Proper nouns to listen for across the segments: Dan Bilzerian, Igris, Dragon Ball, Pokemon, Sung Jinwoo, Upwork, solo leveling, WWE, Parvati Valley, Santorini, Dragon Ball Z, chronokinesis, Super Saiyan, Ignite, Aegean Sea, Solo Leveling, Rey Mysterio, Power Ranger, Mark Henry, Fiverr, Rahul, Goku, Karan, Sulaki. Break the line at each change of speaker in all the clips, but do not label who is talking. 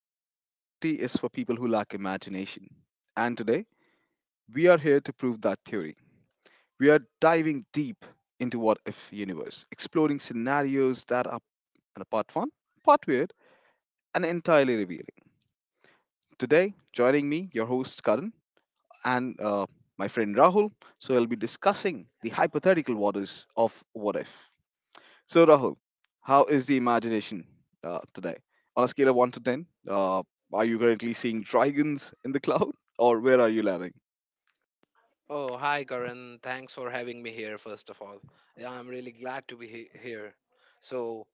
They say reality is for people who lack imagination. And today, we are here to prove that theory. We are diving deep into what if universe, exploring scenarios that are and are part fun, part weird, and entirely revealing. Today, joining me, your host Karan and my friend Rahul. So, we'll be discussing the hypothetical waters of what if. So, Rahul, how is the imagination today? On a scale of 1 to 10, are you currently seeing dragons in the cloud or where are you landing?
Oh, hi, Karan. Thanks for having me here, first of all. Yeah, I'm really glad to be here. So,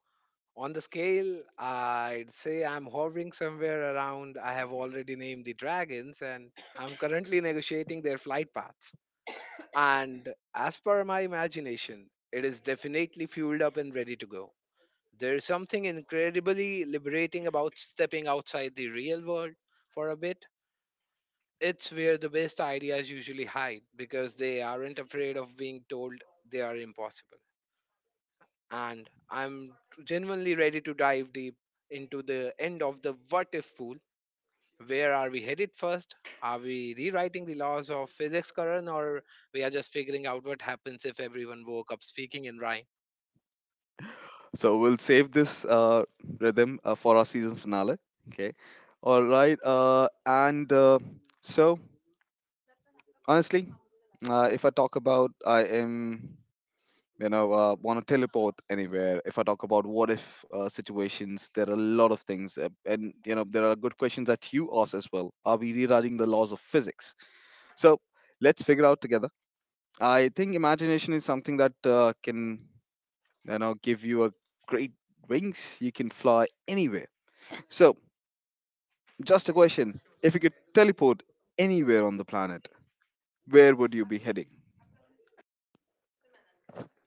on the scale, I'd say I'm hovering somewhere around. I have already named the dragons, and I'm currently negotiating their flight paths. And as per my imagination, it is definitely fueled up and ready to go. There is something incredibly liberating about stepping outside the real world for a bit. It's where the best ideas usually hide because they aren't afraid of being told they are impossible. And I'm genuinely ready to dive deep into the end of the what if pool. Where are we headed first? Are we rewriting the laws of physics, Karan, or we are just figuring out what happens if everyone woke up speaking in rhyme?
So, we'll save this rhythm for our season finale. Okay. All right. So, Honestly, if I talk about, I am you know want to teleport anywhere. If I talk about what if situations, there are a lot of things, and you know there are good questions that you ask as well. Are we rewriting the laws of physics? So let's figure out together. I think imagination is something that can you know give you a great wings. You can fly anywhere. So just a question, if you could teleport anywhere on the planet, where would you be heading?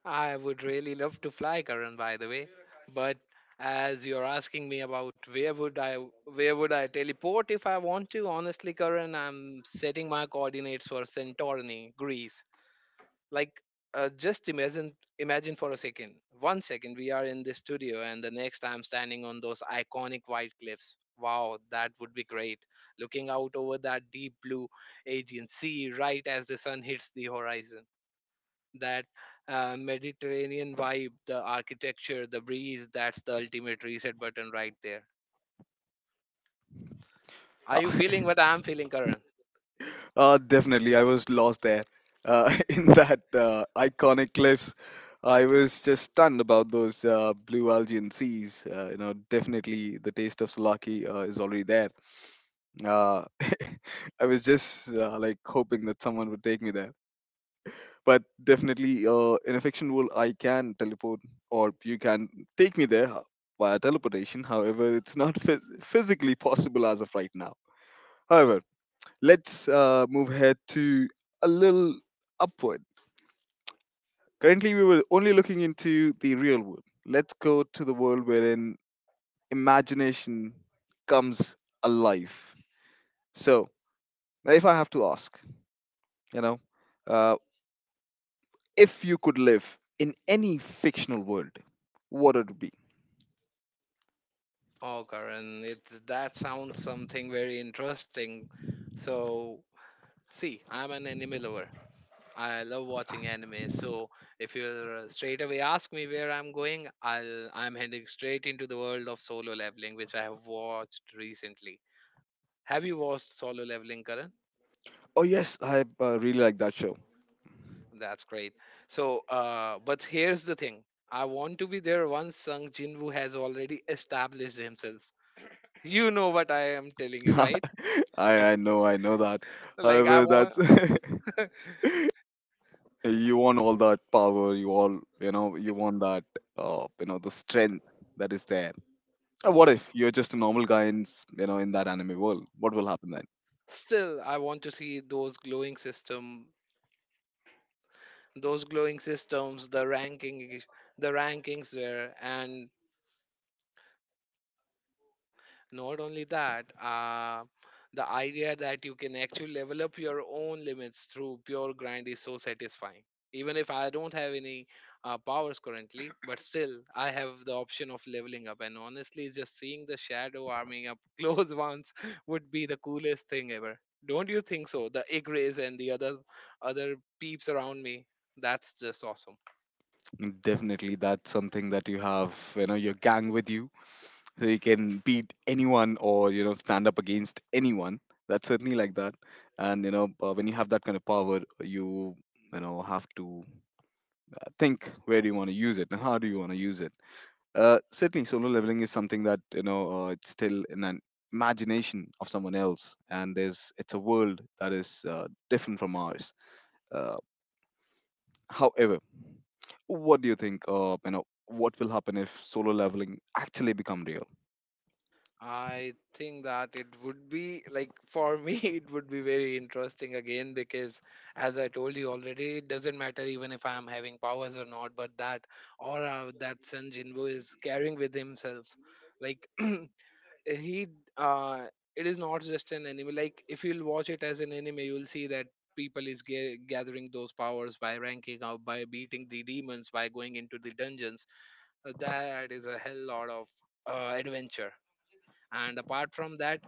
I would really love to fly, Karan, by the way. But as you're asking me about where would I teleport if I want to, honestly, Karan, I'm setting my coordinates for Santorini, Greece. Like just imagine for a second. One second we are in this studio and the next I'm standing on those iconic white cliffs. Wow, that would be great. Looking out over that deep blue Aegean Sea right as the sun hits the horizon, that Mediterranean vibe, the architecture, the breeze, that's the ultimate reset button right there. Are
Uh,
you feeling what I'm feeling, Karan?
Definitely, I was lost there. In that iconic cliffs, I was just stunned about those blue Algerian seas. You know, definitely the taste of Sulaki is already there. Uh, I was just like hoping that someone would take me there. But definitely, in a fiction world, I can teleport, or you can take me there via teleportation. However, it's not physically possible as of right now. However, let's move ahead to a little upward. Currently, we were only looking into the real world. Let's go to the world wherein imagination comes alive. So, now if I have to ask, you know, uh, if you could live in any fictional world, what would it be?
Oh, Karan, it's that sounds something very interesting. So, see, I'm an anime lover. I love
Yeah.
watching anime. So, if you straight away ask me where I'm going, I'm heading straight into the world of solo leveling, which I have watched recently. Have you watched Solo Leveling, Karan?
Oh yes, I really like that show.
That's great. So, but here's the thing. I want to be there once Sung Jinwoo has already established himself. You know what I am telling you, right?
I know, I know that.
Like I
However,
want
that's Eh, you want all that power. You all, you know, you want that, you know, the strength that is there. What if you're just a normal guy in, you know, in that anime world? What will happen then?
still I want to see those glowing systems, the rankings there. And not only that, the idea that you can actually develop your own limits through pure grind is so satisfying. Even if I don't have any powers currently, but still, I have the option of leveling up. And honestly, just seeing the shadow arming up close once would be the coolest thing ever. Don't you think so? The Igris and the other peeps around me. That's just awesome.
Mm, definitely, that's something that you have, you know, your gang with you, so you can beat anyone or you know stand up against anyone. That's certainly like that. And you know, when you have that kind of power, you know have to think where do you want to use it and how do you want to use it. Certainly, solo leveling is something that you know it's still in an imagination of someone else, and there's it's a world that is different from ours. Uh, however, what do you think? You know, what will happen if solo leveling actually become real?
I think that it would be like for me, it would be very interesting again because, as I told you already, it doesn't matter even if I am having powers or not, but that aura that Sun Jinwoo is carrying with himself, like he, uh, it is not just an anime. Like if you'll watch it as an anime, you'll see that gathering those powers by ranking up, by beating the demons, by going into the dungeons. That is a hell lot of adventure. And apart from that,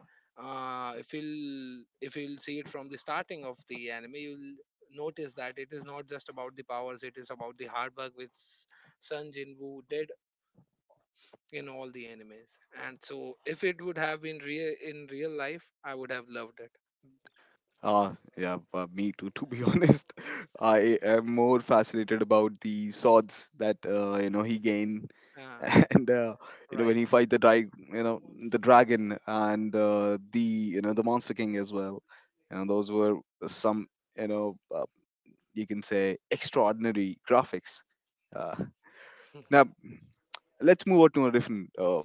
if you'll see it from the starting of the anime, you'll notice that it is not just about the powers, it is about the hard work which Sun Jinwoo did in all the animes. And so if it would have been real in real life, I would have loved it.
Ah, yeah, me too. To be honest, I am more fascinated about the swords that you know he gained
uh,
and you know when
right.
he fight the you know the dragon and the you know the monster king as well. You know those were some you know you can say extraordinary graphics. uh, Now let's move on to a different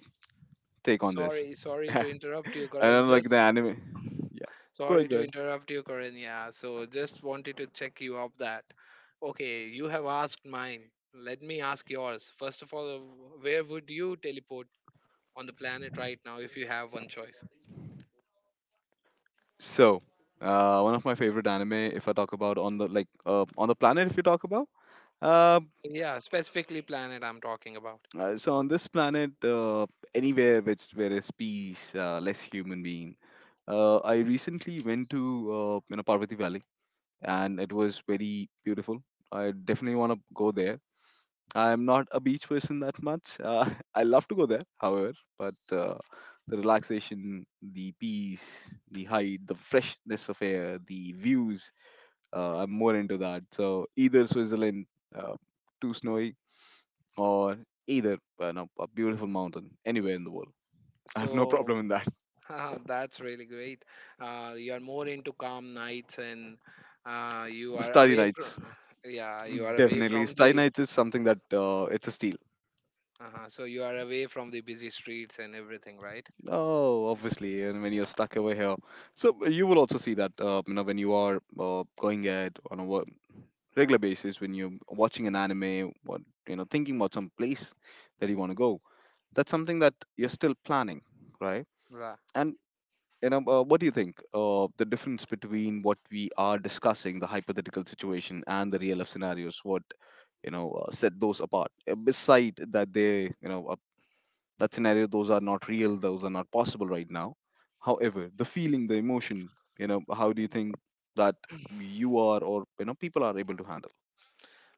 take on this.
sorry sorry
I
to interrupt you, Karan,
don't like the
just—
anime. Yeah, go
Sorry
ahead, go
to
ahead.
interrupt you, Corinne. Yeah, so just wanted to check you up that. Okay, you have asked mine. Let me ask yours. First of all, where would you teleport on the planet right now if you have one choice?
So one of my favorite anime, if I talk about on the like on the planet if you talk about uh,
Yeah, specifically planet I'm talking about.
So on this planet, anywhere which where is peace, less human being. I recently went to you know Parvati Valley, and it was very beautiful. I definitely want to go there. I'm not a beach person that much. I love to go there, however, but the relaxation, the peace, the height, the freshness of air, the views. I'm more into that. So either Switzerland, uh, too snowy, or either no, a beautiful mountain anywhere in the world. I have no
So,
problem in that.
that's really great. You are more into calm nights and you
The
are
starry
away from—
nights,
yeah, you are away
definitely.
from
Starry
the—
nights is something that it's a steal.
so you are away from the busy streets and everything, right?
Oh, obviously, and when you're stuck over here, so you will also see that you know when you are going ahead on a regular basis when you're watching an
Mm.
anime, what you know, thinking about some place that you want to go. That's something that you're still planning, right?
Right.
And And what do you think? The difference between what we are discussing, the hypothetical situation, and the real life scenarios, what you know set those apart? Beside that, they you know that scenario, those are not real, those are not possible right now. However, the feeling, the emotion, you know, how do you
Mm.
think that you are or you know people are able to handle?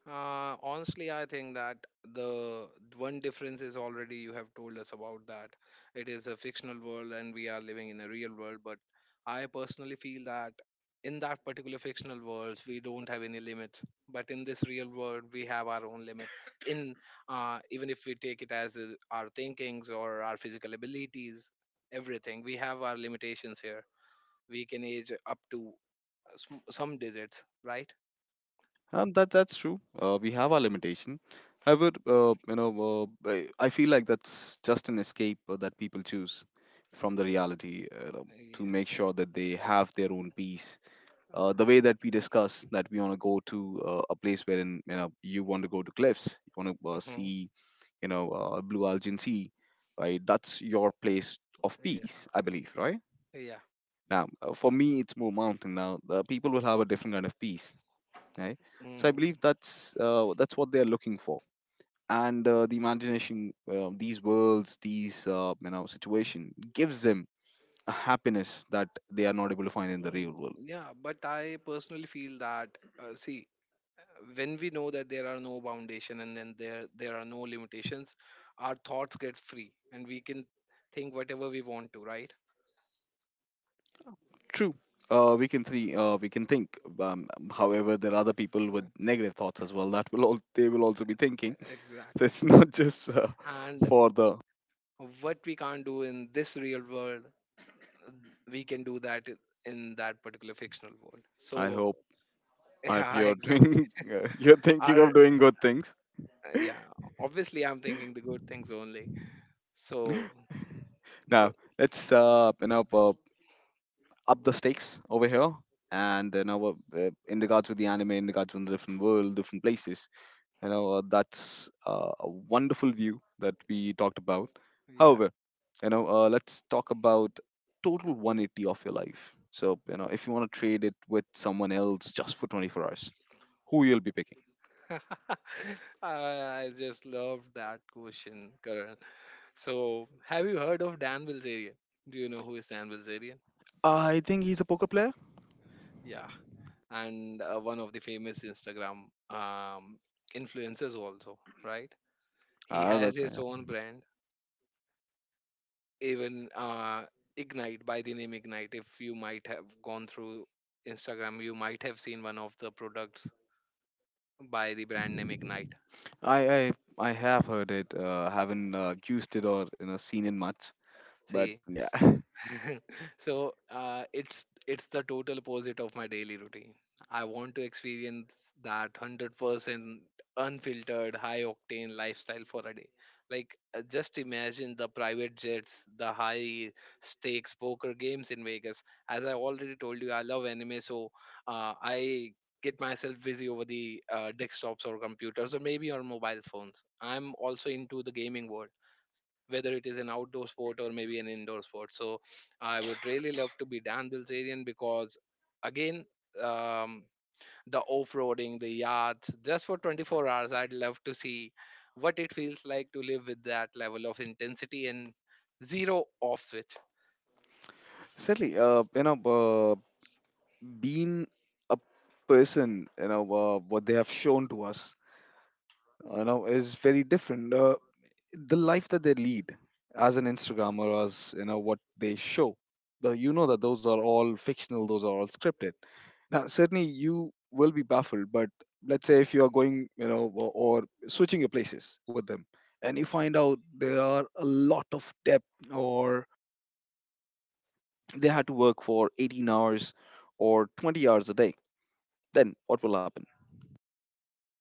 Honestly, I think that the one difference is already you have told us about that. It is a fictional world and we are living in a real world. But I personally feel that in that particular fictional world, we don't have any limits. But in this real world, we have our own limit. In— even if we take it as our thinkings or our physical abilities, everything, we have our limitations here. We can age up to some digits, right?
That's true. We have our limitation. However, you know, I feel like that's just an escape that people choose from the reality, you know, to make sure that they have their own peace. The way that we discuss that we want to go to a place wherein you know you want to go to cliffs, you want to
Mm-hmm.
see you know blue Algin Sea, right? That's your place
Yeah.
of
Mhm.
peace, I believe, right?
Yeah. Yeah.
Now, for me, it's more mountain. Now, people will have a different kind of peace, right? So I
Mm.
believe that's what they're looking for. And the imagination, these worlds, these you know situation gives them a happiness that they are not able to find in the real
Mm.
world.
Yeah, but I personally feel that see, when we know that there are no foundation and then there are no limitations, our thoughts get free and we can think whatever we want to, right?
True, we can think. Um, however there are other people with
Uh,
negative thoughts as well, that will all they will also be thinking. So
Exactly.
it's not just
And
for the
what we can't do in this real world, we can do that in that particular fictional world. So
I hope I hope
yeah,
you're
exactly.
doing. You're thinking
Our—
of doing good things.
yeah, obviously I'm thinking the good things only. So the—
Now let's you know up the stakes over here. And you know, in regards with the anime, in regards with the different world, different places, you know, that's a wonderful view that we talked about.
yeah.
However, you know, let's talk about total 180 of your life. So, you know, if you want to trade it with someone else just for 24 hours, who you'll be picking?
I— I just love that question, Karan. So, have you heard of Dan Bilzerian? Do you know who is Dan Bilzerian?
I think he's a poker player.
Yeah. And one of the famous Instagram um influencers also, right? He
Ah,
has
that's fine.
his own
Yeah.
brand, even, Ignite. By the name Ignite. If you might have gone through Instagram, you might have seen one of the products by the brand name Ignite.
I I I have heard it. Haven't used it or you know seen it much, but
See,
yeah.
so it's the total opposite of my daily routine. I want to experience that 100% unfiltered, high octane lifestyle for a day. Like just imagine the private jets, the high stakes poker games in Vegas. As I already told you, I love anime, so I get myself busy over the desktops or computers or maybe on mobile phones. I'm also into the gaming world, whether it is an outdoor sport or maybe an indoor sport. So I would really love to be Dan Bilzerian because, again, um, the off-roading, the yachts, just for 24 hours, I'd love to see what it feels like to live with that level of intensity and zero off switch.
Sadly, you know, being a person, you know, what they have shown to us, you know, is very different. The life that they lead as an Instagrammer, as you know, what they show, the, you know that those are all fictional, those are all scripted. Now, certainly you will be baffled, but let's say if you are going, you know, or switching your places with them, and you find out there are a lot of depth, or they had to work for 18 hours or 20 hours a day, then what will happen?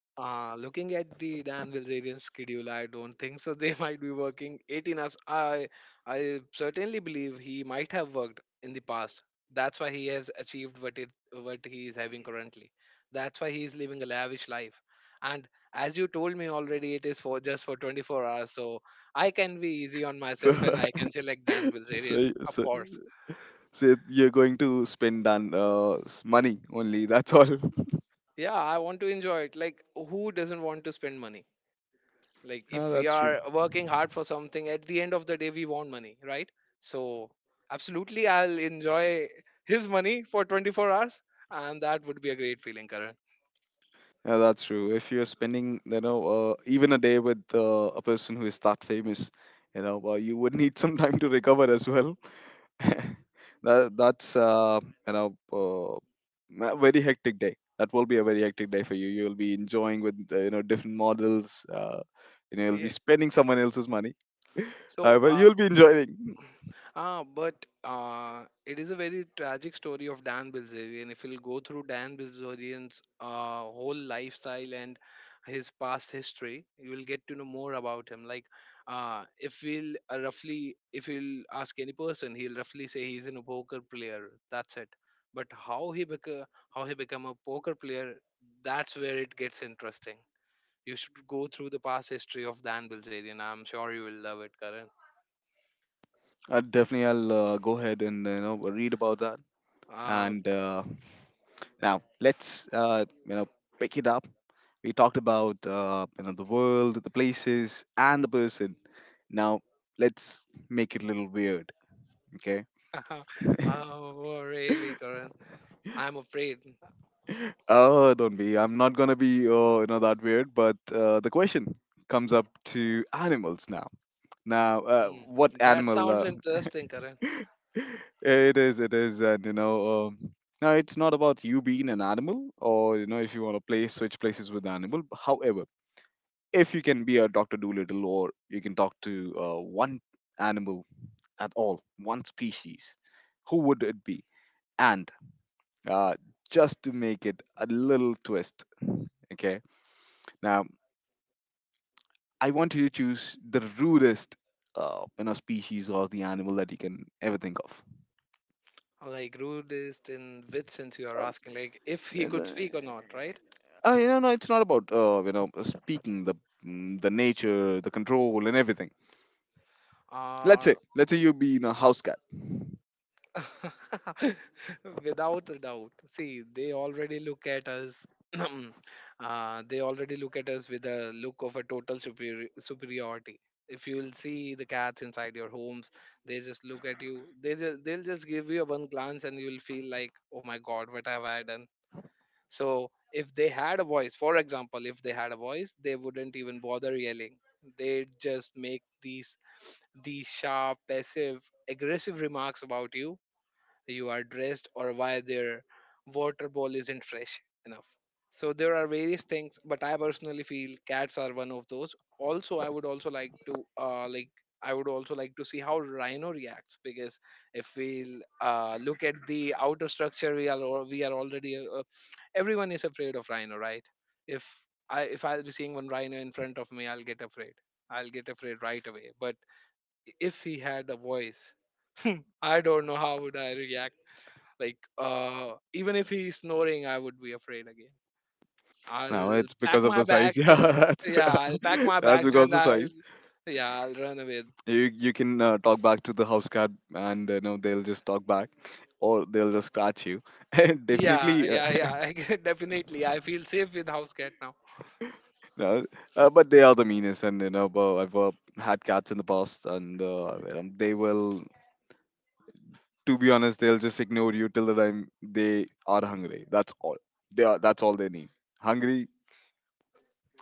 Looking at the Danvilsarian schedule, I don't think so. They might be working 18 hours. I certainly believe he might have worked in the past. That's why he has achieved what he is having currently. That's why he is living a lavish life. And as you told me already, it is for just for 24 hours. So I can be easy on
So,
myself and I can select Dan
so,
Bilzerian,
y-
of
so,
course.
so you're going to spend on money only. That's all.
Yeah, I want to enjoy it. Like, who doesn't want to spend money? Like
Yeah,
if we
that's true.
are working hard for something, at the end of the day we want money, right? So absolutely, I'll enjoy his money for 24 hours, and that would be a great feeling, Karan.
Yeah, that's true. If you're spending, you know, even a day with a person who is that famous, you know, well, you would need some time to recover as well. that that's You know, a very hectic day. That will be a very hectic day for you. You'll be enjoying with you know different models. You know, you'll
Yeah.
be spending someone else's money.
So
However, you'll be enjoying.
ah, but it is a very tragic story of Dan Bilzerian. If you'll go through Dan Bilzerian's whole lifestyle and his past history, you will get to know more about him. Like, if we'll roughly, if you'll ask any person, he'll roughly say he's an a poker player. That's it. But how he become a poker player, that's where it gets interesting. You should go through the past history of Dan Bilzerian. I'm sure you will love it, Karan.
Definitely, I'll go ahead and you know read about that.
Ah,
And now let's you know pick it up. We talked about you know the world, the places, and the person. Now let's make it a little weird, okay?
oh, really, Karan? I'm afraid.
Oh, don't be. I'm not gonna be you know that weird. But the question comes up to animals now. Now,
Mm,
what
that
animal?
sounds interesting, Karan.
It is, it is, and you know, now it's not about you being an animal, or you know, if you want to play switch places with the animal. However, if you can be a Doctor Doolittle, or you can talk to one animal at all, one species, who would it be? And uh, just to make it a little twist, okay? Now, I want you to choose the rudest, you know, species or the animal that you can ever think of.
Like, rudest in which sense you are
Um,
asking? Like, if he
and,
could
uh,
speak or not, right?
you know, no, it's not about you know speaking the mm, the nature, the control, and everything.
Uh,
Let's say you be in a house cat.
Without a doubt. See, they already look at us. They already look at us with a look of a total superiority. If you will see the cats inside your homes, they just look at you. They'll just give you a one glance and you will feel like, oh my god, what have I done? So if they had a voice, for example, if they had a voice, they wouldn't even bother yelling. They just make these sharp, passive, aggressive remarks about you— you are dressed, or why their water bowl isn't fresh enough. So there are various things, but I personally feel cats are one of those. Also, I would also like to see how rhino reacts because if we look at the outer structure, we are already everyone is afraid of rhino, right? If if I'll be seeing one rhino in front of me, I'll get afraid. I'll get afraid right away. But if he had a voice, I don't know how would I react. Like even if he's snoring, I would be afraid again.
Now
I'll
it's because
pack
of
my
the size.
bags.
Yeah, that's
Yeah, I'll pack my
that's
bags and
because of the
I'll—
size.
yeah, I'll run away.
You can talk back to the house cat, and you know they'll just talk back, or they'll just scratch you. And
Yeah,
definitely,
yeah, yeah. I can— definitely, I feel safe with house cat now.
no, but they are the meanest, and you know, but I've had cats in the past, and you know, they will to be honest, they'll just ignore you till the time they are hungry. That's all. They are, that's all they need. Hungry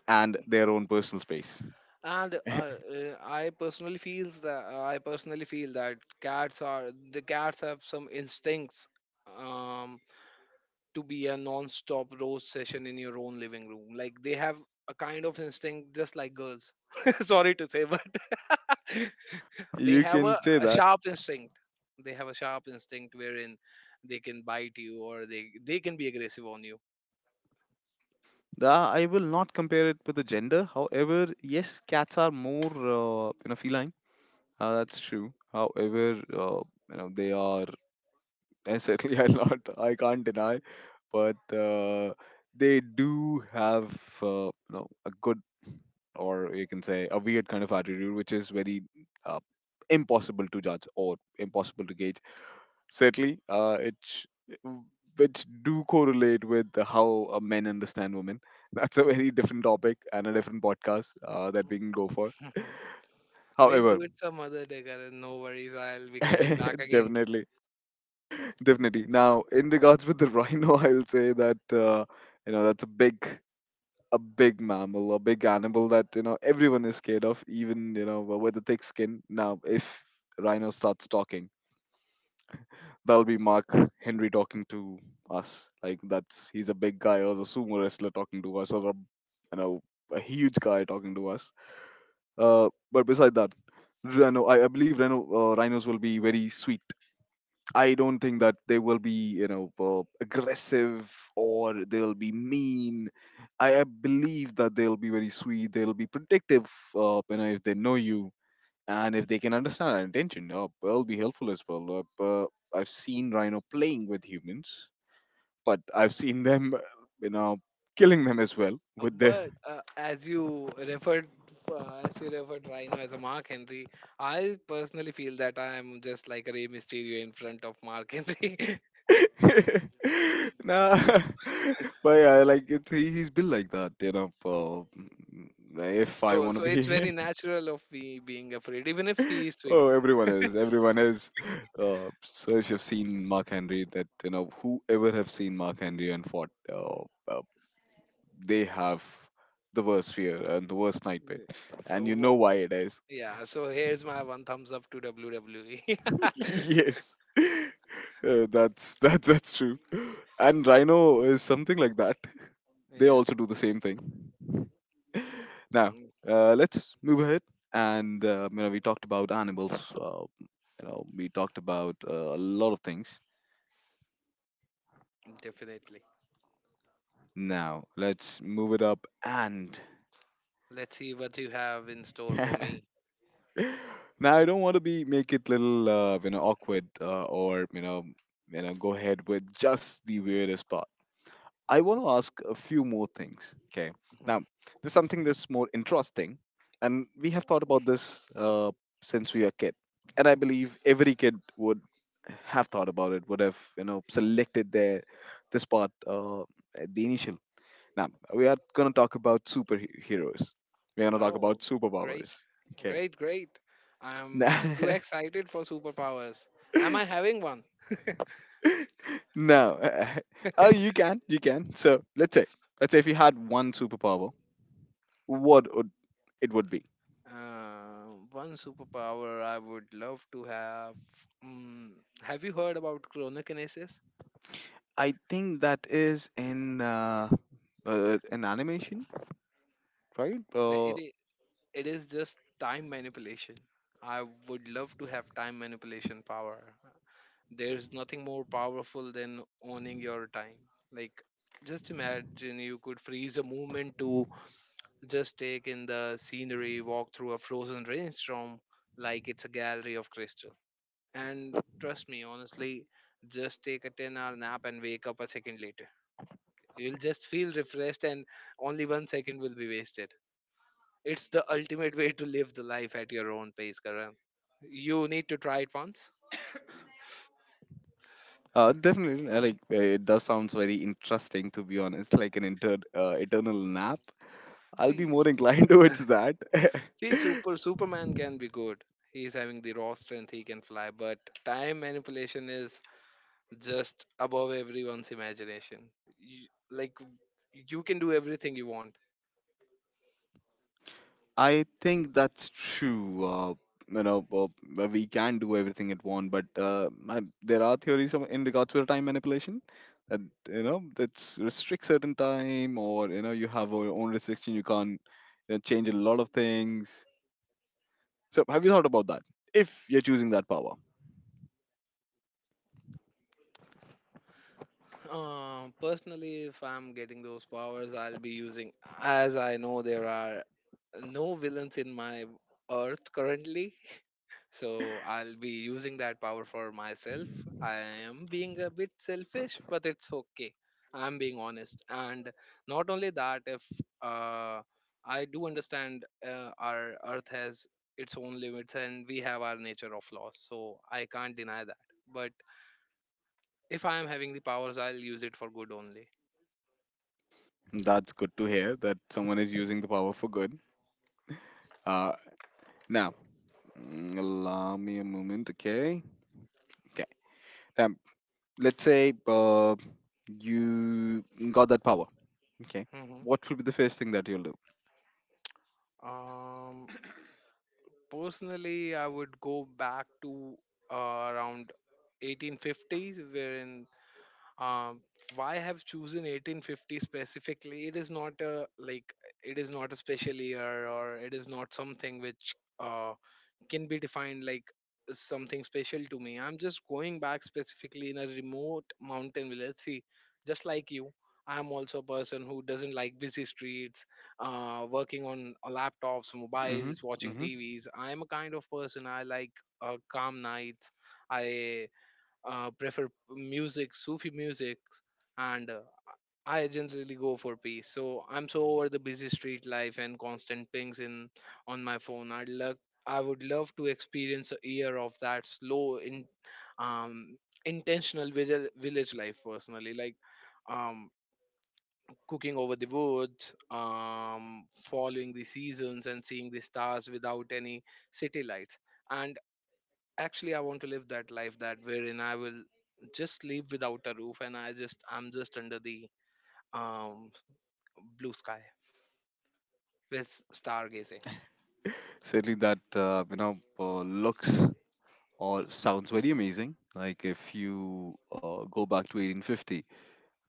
and their own personal space.
And I personally feel that cats are the cats have some instincts um, to be a non-stop roast session in your own living room. Like they have a kind of instinct just like girls. Sorry to say, but They
You
have
can
a,
say
a
that.
sharp instinct. Wherein they can bite you, or they can be aggressive on you.
The I will not compare it with the gender. However, yes, cats are more you know feline. That's true. However, you know they are and certainly I can't deny, but they do have you know a good or you can say a weird kind of attitude, which is very uh, impossible to judge or impossible to gauge. Certainly, which do correlate with the how men understand women. That's a very different topic and a different podcast that we can go for.
We'll
However,
do it some other day, Karan. No worries. I'll be coming back again.
definitely, definitely. Now, in regards with the rhino, I'll say that you know that's a big mammal, a big animal that you know everyone is scared of, even you know with a thick skin. Now, if Rhino starts talking, that'll be Mark Henry talking to us. Like that's he's a big guy or a sumo wrestler talking to us, or a you know a huge guy talking to us. But beside that, Rhino, I believe Rhino rhinos will be very sweet. I don't think that they will be, you know, aggressive or they'll be mean. I believe that they'll be very sweet. They'll be protective, you know, if they know you and if they can understand our intention. They'll be helpful as well. I've seen rhino playing with humans, but I've seen them, you know, killing them as well
Uh,
with their.
But uh, as you referred Rhino as a Mark Henry, I personally feel that I am just like a Rey Mysterio in front of Mark Henry.
Nah, but yeah, he's built like that, you know. If I
so,
want to
so it's very
be
natural of me being afraid, even if he is sweet.
Oh, everyone is. Everyone is. So if you've seen Mark Henry, that you know, whoever have seen Mark Henry and fought,
Mm,
uh, they have the worst fear and the worst nightmare,
yeah.
and you know why it is.
Yeah, so here's my one thumbs up to WWE.
Yes, that's that's true. And Rhino is something like that. They
Yeah,
also do the same thing. Now,
mm,
let's move ahead. And you know, we talked about animals. You know, we talked about a lot of things.
definitely.
Now, let's move it up and
Let's see what you have in store
now
for me.
I don't want to be make it little you know awkward or you know go ahead with just the weirdest part. I want to ask a few more things. Okay.
Mhm.
Now, there's something that's more interesting, and we have thought about this since we were a kid, and I believe every kid would have thought about it, would have you know selected their this part at the initial. Now, we are going to talk about superheroes. We're going to talk about
Oh, great,
superpowers. Okay.
great, great. I'm
Now,
too excited for superpowers. Am I having one?
now, oh, you can, you can. So let's say if you had one superpower, what would it would be?
Uh, One superpower I would love to have. Mm, have you heard about chronokinesis?
I think that is in an animation, right?
Uh, It i- it is just time manipulation. I would love to have time manipulation power. There's nothing more powerful than owning your time. Like, just imagine you could freeze a moment to just take in the scenery, walk through a frozen rainstorm like it's a gallery of crystal. And trust me, honestly, just take a 10-hour nap and wake up a second later. You'll just feel refreshed, and only 1 second will be wasted. It's the ultimate way to live the life at your own pace, Karan. You need to try it once.
Definitely, like it does sounds very interesting to be honest. Like an eternal nap, I'll be
See,
more inclined towards that.
See, Superman can be good. He's having the raw strength, he can fly, but time manipulation is just above everyone's imagination. Like you can do everything you want.
I think that's true. You know, we can do everything at once, but there are in regards to time manipulation. That you know, that's restrict certain time, or you know, you have your own restriction. You can't you know, change a lot of things. So, have you thought about that? If you're choosing that power,
Personally, if I'm getting those powers, I'll be using as I know there are no villains in my earth currently. So I'll be using that power for myself. I am being a bit selfish, but it's okay. I'm being honest. And not only that, if uh, I do understand our earth has its own limits and we have our nature of laws, so I can't deny that. But if I am having the powers, I'll use it for good only.
that's good to hear that someone is using the power for good. Uh, Now, mm, allow me a moment. Okay. Okay. Now, let's say you got that power. Okay.
Hmm.
What will be the first thing that you'll do?
um, Personally, I would go back to uh, around 1850s, wherein um, why I have chosen 1850 specifically? It is not a Like it is not a special year, or it is not something which uh, can be defined like something special to me. I'm just going back specifically in a remote mountain village. See, just like you, I'm also a person who doesn't like busy streets, working on laptops,
Mm-hmm.
mobiles, watching
Mm-hmm.
TVs. I'm a kind of person I like calm nights. I prefer music, Sufi music, and I generally go for peace. So I'm so over the busy street life and constant pings in on my phone. I would love to experience a year of that slow, um, intentional village life personally, like um, cooking over the woods, following the seasons, and seeing the stars without any city lights. And actually I want to live that life that wherein I will just live without a roof, and I'm just under the um blue sky with stargazing.
Certainly, that you know looks or sounds very amazing. Like if you go back to 1850,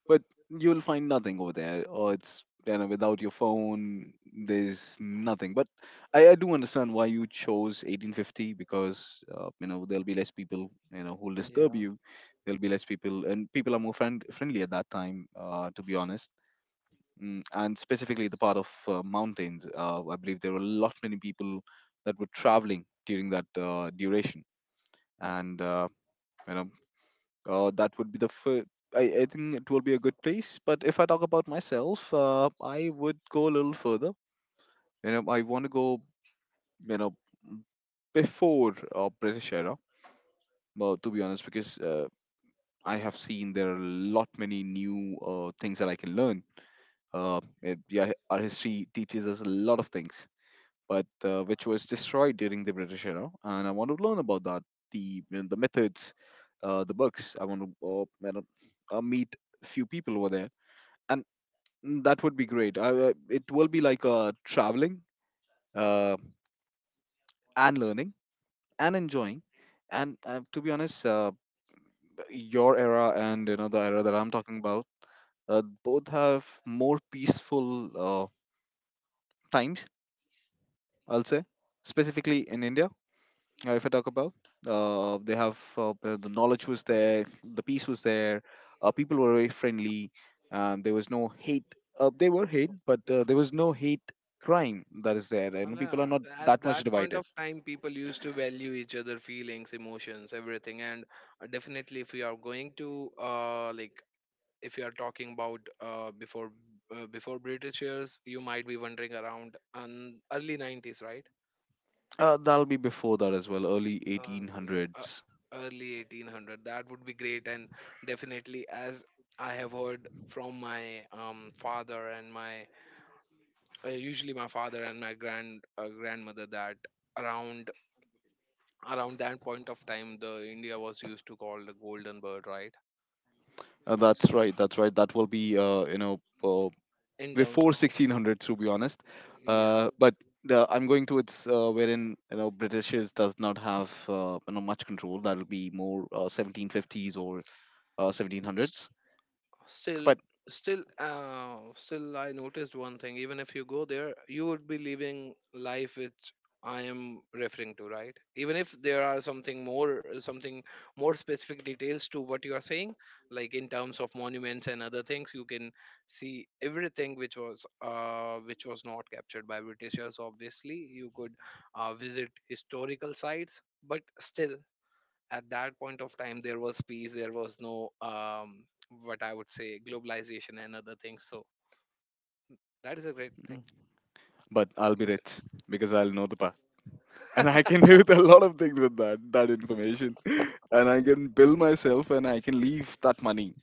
but you'll find nothing over there. Or it's you know without your phone, there's nothing. But I do understand why you chose 1850 because you know there'll be less people you know who'll disturb
Yeah.
you. There'll be less people, and people are more friendly at that time. To be honest mm, and specifically the part of mountains. I believe there were a lot many people that were traveling during that duration, and you know that would be the fir- I think it will be a good place. But if I talk about myself, I would go a little further. You know, I want to go. You know, before British era. Well, to be honest, because I have seen there are a lot many new things that I can learn. Yeah, our history teaches us a lot of things but which was destroyed during the British era. And I want to learn about that, the you know, the methods, the books. I want to meet few people over there, and that would be great. It will be like traveling uh, and learning and enjoying. And to be honest, your era and you know the era that I'm talking about, both have more peaceful times. I'll say specifically in India if I talk about. They have the knowledge was there, the peace was there. People were very friendly. There was no hate. They were hate, but there was no hate crime that is there,
And
and people are
yeah,
not
at
that much
that point
divided.
of time, people used to value each other feelings, emotions, everything. And definitely, if you are going to like, if you are talking about before British years, you might be wondering around um, early 90s, right?
That'll be before that as well, early
uh, uh,
1800s.
Early 1800, that would be great. And definitely, as I have heard from my father and my grandmother, that around around that point of time, the India was used to call the golden bird, right?
That's right. That's right. That will be uh,
in terms
before
of
1600 to be honest
Yeah.
but the, I'm going towards wherein you know britishes does not have you know much control that'll be more 1750s or 1700s
Still,
but
Still, I noticed one thing. Even if you go there, you would be living life which I am referring to, right? Even if there are something more specific details to what you are saying, like in terms of monuments and other things, you can see everything which was not captured by Britishers. Obviously, you could visit historical sites, but still, at that point of time there was peace, there was no, what I would say, globalization and other things, so that is a great
mm,
thing.
but I'll be rich because I'll know the past. And I can do a lot of things with that information. And I can build myself and I can leave that money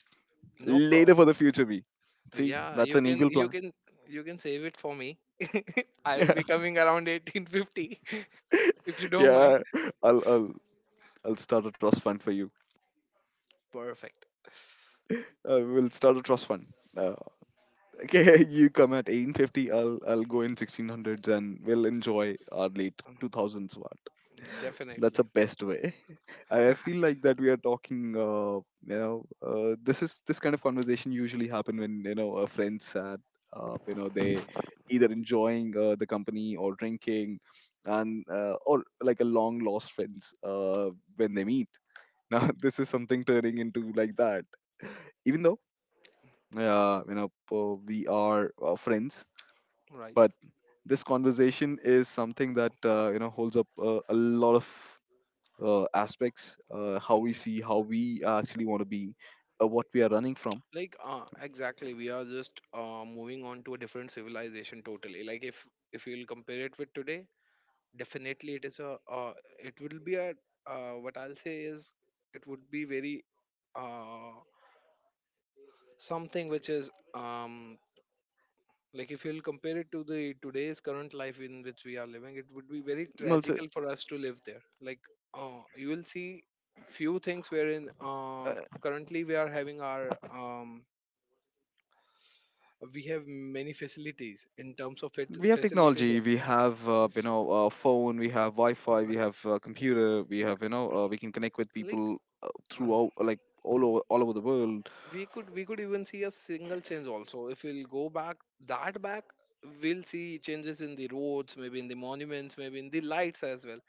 No
later
problem.
for the future me. See,
Yeah,
that's an evil plan.
you can save it for me. I'll be coming around 1850. If you don't mind.
Yeah, I'll, I'll I'll start a trust fund for you.
Perfect.
We'll start a trust fund. Uh, okay, you come at 1850, I'll go in 1600s and we'll enjoy our late 2000s. What?
Mm,
That's the
definitely.
best way. I feel like that we are talking, you know, this is this kind of conversation usually happen when, you know, a friend's sad, you know, they either enjoying the company or drinking and or like a long lost friends when they meet. Now, this is something turning into like that even though we are friends
Right.
but this conversation is something that you know holds up a lot of aspects how
Mhm.
we see how we actually want to be what we are running from
Like, exactly. We are just moving on to a different civilization totally. Like, if you will compare it with today, definitely it is a it will be a what I'll say is, it would be very, uh, something which is like if you'll compare it to the today's current life in which we are living, it would be very
well so,
tragical for us to live there, like you will see few things wherein
uh,
currently we are having our we have many facilities in terms of it
we have
facilities
technology
also.
we have
If-
phone we have wi-fi we
right.
have computer we
You-
have you know we can connect with
like
people
uh,
throughout like all over the world.
we could even see a single change also. If we'll go back that back, we'll see changes in the roads, maybe in the monuments, maybe in the lights as well.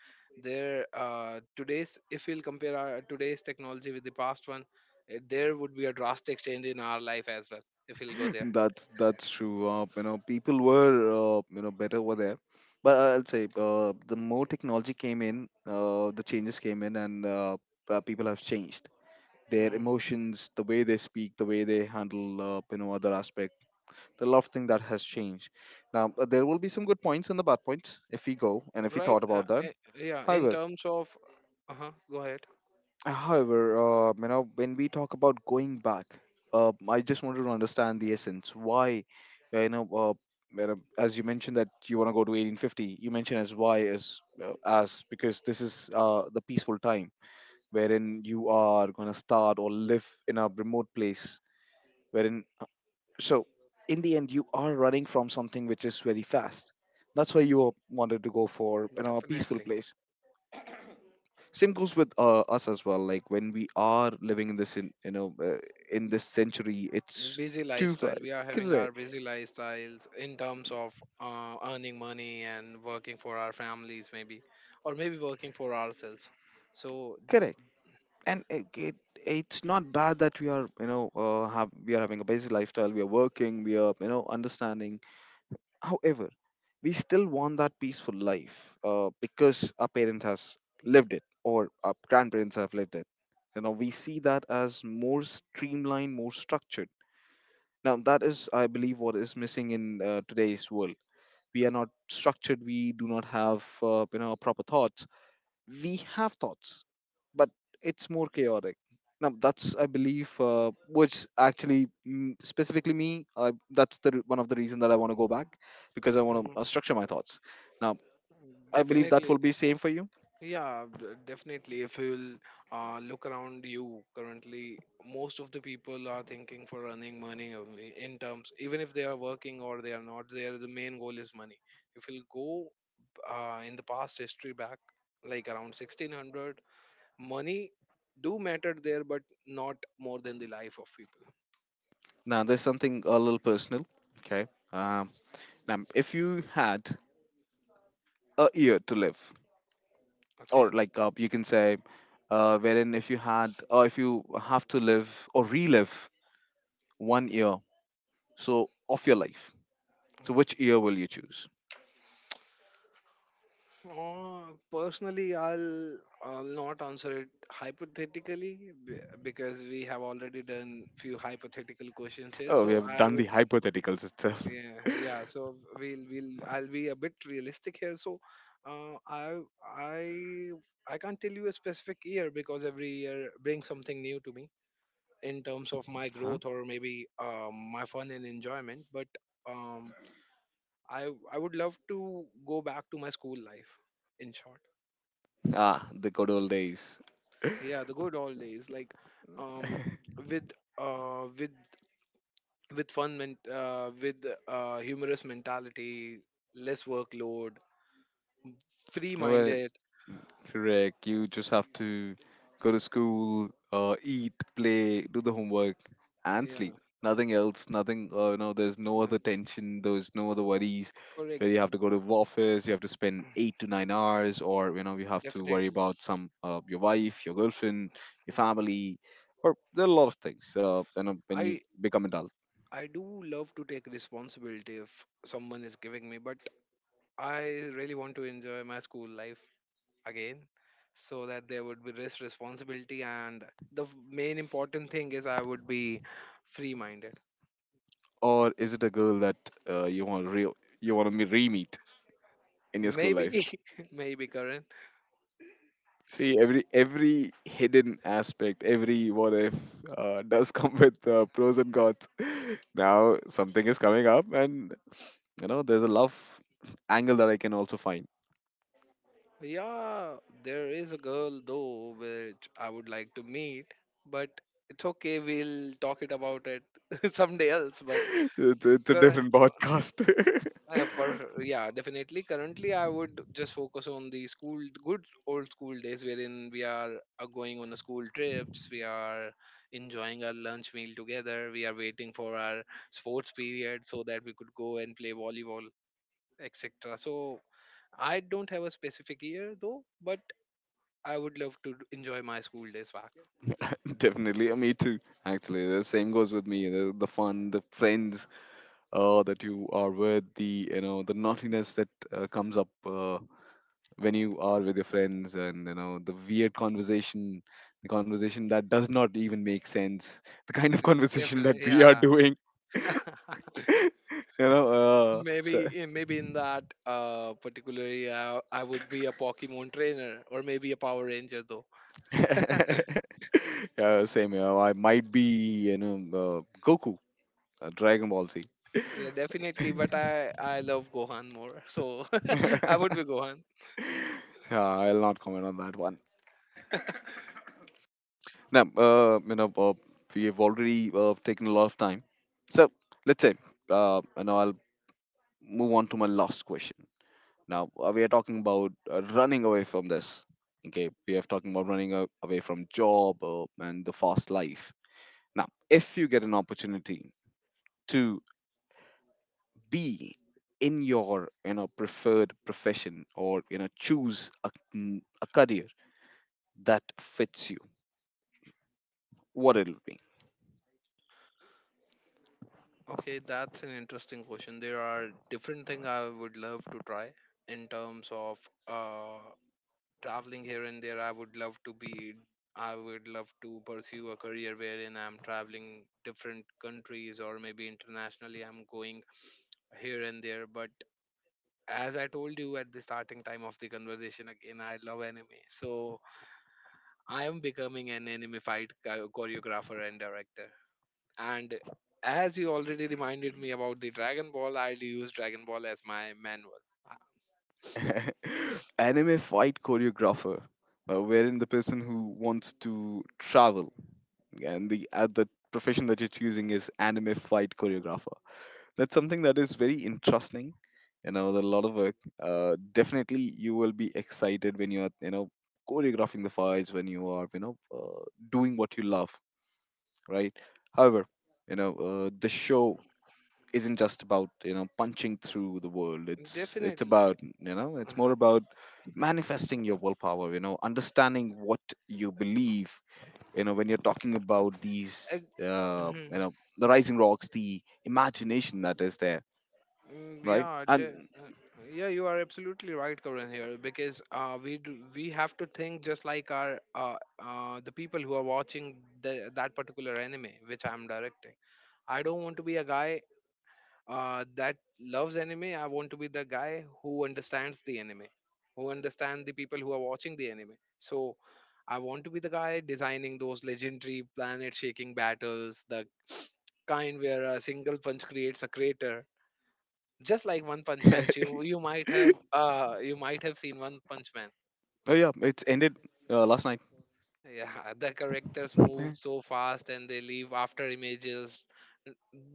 There Today's, if we'll compare our today's technology with the past one, there would be a drastic change in our life as well if we'll go there.
That's true. You know, people were you know better over there, but I'll say the more technology came in, the changes came in, and people have changed their
Mm,
emotions, the way they speak, the way they handle you know other aspect. There are a lot of things that has changed. Now there will be some good points and the bad points if we go and if we
right,
thought about that.
yeah. in
However,
terms of Uh-huh. Go ahead.
However, you know, when we talk about going back, I just wanted to understand the essence. Why, uh, you know, uh, you know, as you mentioned that you want to go to 1850, you mentioned as why as because this is the peaceful time wherein you are going to start or live in a remote place wherein so in the end you are running from something which is very fast. That's why you wanted to go for a peaceful
Definitely.
place. Same goes with us as well, like when we are living in this in you know in this century. It's
Busy
too far.
lifestyle We are having
Correct.
our busy lifestyles in terms of earning money and working for our families, maybe, or maybe working for ourselves, so.
Correct. And it's not bad that we are you know have we are having a basic lifestyle, we are working, we are understanding. However, we still want that peaceful life, because our parents has lived it, or our grandparents have lived it. You know, we see that as more streamlined, more structured. Now that is, I believe, what is missing in today's world. We are not structured, we do not have, proper thoughts. We have thoughts, but it's more chaotic. Now that's, I believe, which actually, specifically me, uh, that's the one of the reason that I want to go back, because I want
Mhm,
to structure my thoughts. Now I believe that
definitely.
will be same for you.
Yeah, definitely. If you'll look around you currently, most of the people are thinking for earning money only, in terms, even if they are working or they are not there, the main goal is money. If you'll go in the past history back, like around 1600, money do matter there, but not more than the life of people.
Now there's something a little personal. Okay. um, if you had a year to live,
Okay.
or like, you can say, wherein if you had, or if you have to live or relive one year, so of your life, so
Mm.
which year will you choose?
Personally, I'll not answer it hypothetically, because we have already done few hypothetical questions here,
Oh, we
so
have
I
done
would.
the hypotheticals itself.
Yeah, yeah, so we'll I'll be a bit realistic here, so uh, I I I can't tell you a specific year, because every year brings something new to me in terms of my
Huh?
growth, or maybe my fun and enjoyment. But um, I would love to go back to my school life. In short,
Ah, the good old days.
yeah, the good old days, like um, with uh, with with humorous mentality, less workload, free
Well,
minded.
correct. You just have to go to school, eat, play, do the homework, and sleep.
Yeah,
Nothing else. Nothing. There's no
yeah,
other tension. There's no other worries. Where you
correct,
have to go to office, you have to spend 8 to 9 hours, or, you have to worry
definitely.
about some, your wife, your girlfriend, your family, or there are a lot of things. When you
I
become adult,
I do love to take responsibility if someone is giving me, but I really want to enjoy my school life again, so that there would be less responsibility, and the main important thing is I would be free minded.
or is it a girl that, uh, you want to re you want to re meet in your school life?
Maybe. Maybe. Current.
See, every hidden aspect, every what if, does come with pros and cons. Now something is coming up, and there's a love angle that I can also find.
Yeah, there is a girl though which I would like to meet, but it's okay, we'll talk it about it someday else, but.
It's a
Current.
different podcast.
Perfect. Yeah, definitely. Currently, I would just focus on the school, good old school days, wherein we are going on a school trips, we are enjoying our lunch meal together, we are waiting for our sports period so that we could go and play volleyball, etc. So I don't have a specific year though, but I would love to enjoy my school days back.
Definitely, me too. Actually, the same goes with me. The fun, the friends, that you are with, the you know the naughtiness that comes up when you are with your friends, and the conversation that does not even make sense, the kind of conversation that
Definitely,
we are
yeah.
doing, so.
Maybe in that particular area, I would be a Pokemon trainer or maybe a Power Ranger, though.
Yeah, same here. I might be, Goku, Dragon Ball Z.
Yeah, definitely. But I love Gohan more, so I would
Yeah,
be Gohan.
I'll not comment on that. Now, we have already taken a lot of time. So let's say, and now I'll move on to my last question. Now, we are talking about running away from this. Okay, we are talking about running away from job, and the fast life. Now, if you get an opportunity to be in your preferred profession, or choose a career that fits you, what it'll be?
Okay, that's an interesting question. There are different things I would love to try in terms of uh, traveling here and there. I would love to be. I would love to pursue a career wherein I'm traveling different countries or maybe internationally. I'm going here and there, but as I told you at the starting time of the conversation, again, I love anime. So I am becoming an anime fight choreographer and director. And as you already reminded me about the Dragon Ball, I'll use Dragon Ball as my manual.
Anime fight choreographer, wherein the person who wants to travel, and the profession that you're choosing is anime fight choreographer. That's something that is very interesting, you know, with a lot of work. Definitely you will be excited when you are, choreographing the fights, when you are, doing what you love, right? However, the show isn't just about punching through the world. It's
Definitely.
about, it's more
Uh-huh.
about manifesting your willpower, you know, understanding what you believe, you know, when you're talking about these,
Ag- mhm.
the rising rocks, the imagination that is there,
Mm,
right?
yeah,
And
yeah, you are absolutely right, Karan, here, because we have to think just like our the people who are watching that particular anime which I'm directing. I don't want to be a guy that loves anime. I want to be the guy who understands the anime, who understand the people who are watching the anime. So I want to be the guy designing those legendary planet-shaking battles, the kind where a single punch creates a crater, just like One
oh
Punch Man. So, you might have seen One Punch Man.
yeah, it's ended, last night.
Yeah, the characters move so fast and they leave after images.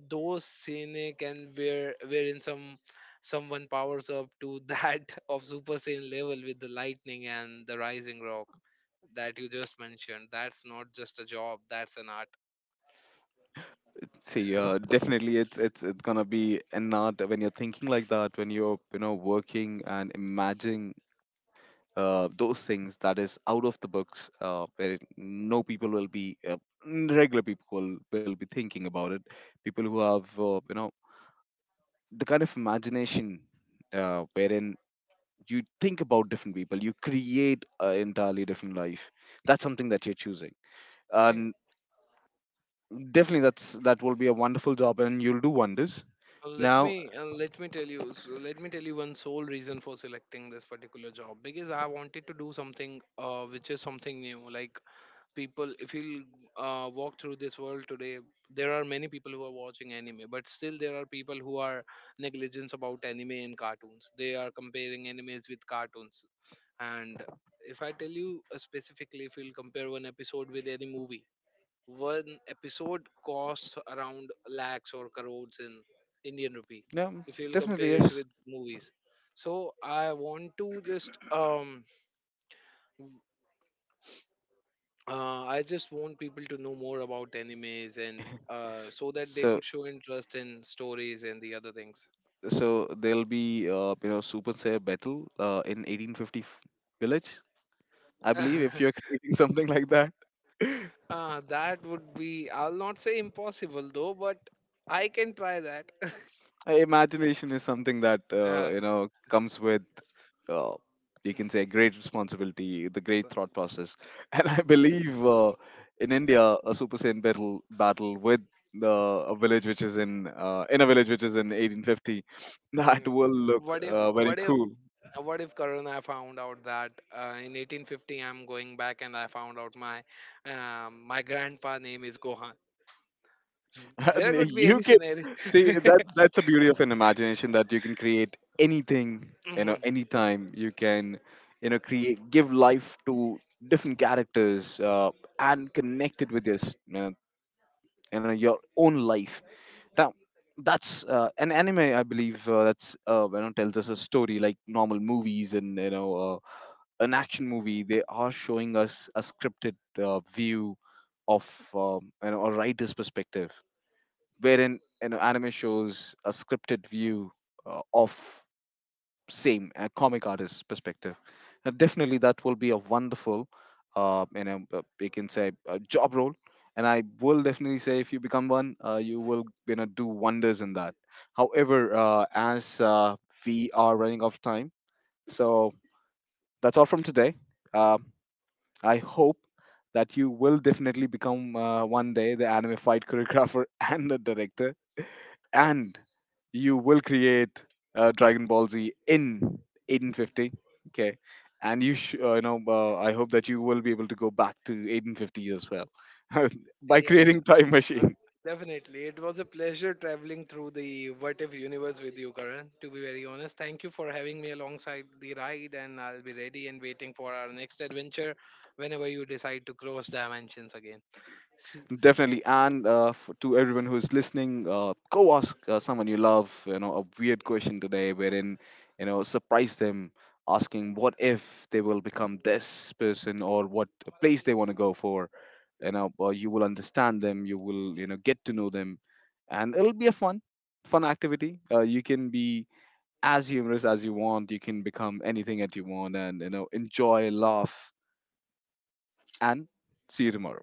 Those scenic, and wherein someone powers up to that of Super Saiyan level with the lightning and the rising rock that you just mentioned. That's not just a job, that's an art.
See, definitely, it's gonna be an art when you're thinking like that, when you're working and imagining, those things that is out of the books, where no people will be, regular people will be thinking about it. People who have, the kind of imagination, wherein you think about different people, you create an entirely different life. That's something that you're choosing,
Okay,
and definitely that will be a wonderful job, and you'll do wonders. Now.
let me tell you one sole reason for selecting this particular job, because I wanted to do something which is something new. Like, people, if you'll walk through this world today, there are many people who are watching anime, but still there are people who are negligent about anime and cartoons, they are comparing animes with cartoons. And if I tell you specifically, if you'll compare one episode with any movie, one episode costs around lakhs or crores in Indian rupee,
Yeah,
if you'll
definitely.
compare it
Yes.
with movies. So i want to just um I just want people to know more about animes, and so that they
so
could show interest in stories and the other things.
so there'll be, super Saiyan battle, in 1850 village, I believe, if you're creating something like that.
That would be, I'll not say impossible though, but I can try that.
Imagination is something that,
uh,
comes with, uh, you can say, great responsibility, the great thought process. And I believe, in India, a Super Saiyan battle with the a village which is in a village which is in 1850, that
Mm.
will look,
What if,
very
what if,
cool.
what if, Karuna, I found out that in 1850 I'm going back and I found out my my grandpa name is Gohan. There
And
could be
you
any
can
scenario.
see that's the beauty of an imagination, that you can create anything, you know,
Mhm.
anytime. You can, create give life to different characters, and connect it with you know your own life. Now, that's, an anime, I believe. That's, tells us a story, like normal movies, and, an action movie. They are showing us a scripted, view of, a writer's perspective, wherein, anime shows a scripted view, of same, a comic artist perspective. And definitely that will be a wonderful, you can say, a job role. And I will definitely say, if you become one, you will, do wonders in that. However, as we are running out of time, so that's all from today. uh, I hope that you will definitely become, one day, the anime fight choreographer and the director, and you will create, Dragon Ball Z in 1850. Okay, and you, I hope that you will be able to go back to 1850 as well, by
Yeah.
creating time
Uh,
machine.
Definitely. It was a pleasure traveling through the What If universe with you, Karan, to be very honest. Thank you for having me alongside the ride, and I'll be ready and waiting for our next adventure whenever you decide to cross dimensions again. S-
Definitely, and, to everyone who's listening, go ask, someone you love, a weird question today, wherein, surprise them, asking what if they will become this person, or what place they want to go for. You will understand them, you will, get to know them, and it'll be a fun, fun activity. You can be as humorous as you want, you can become anything that you want, and, enjoy, laugh, and see you tomorrow.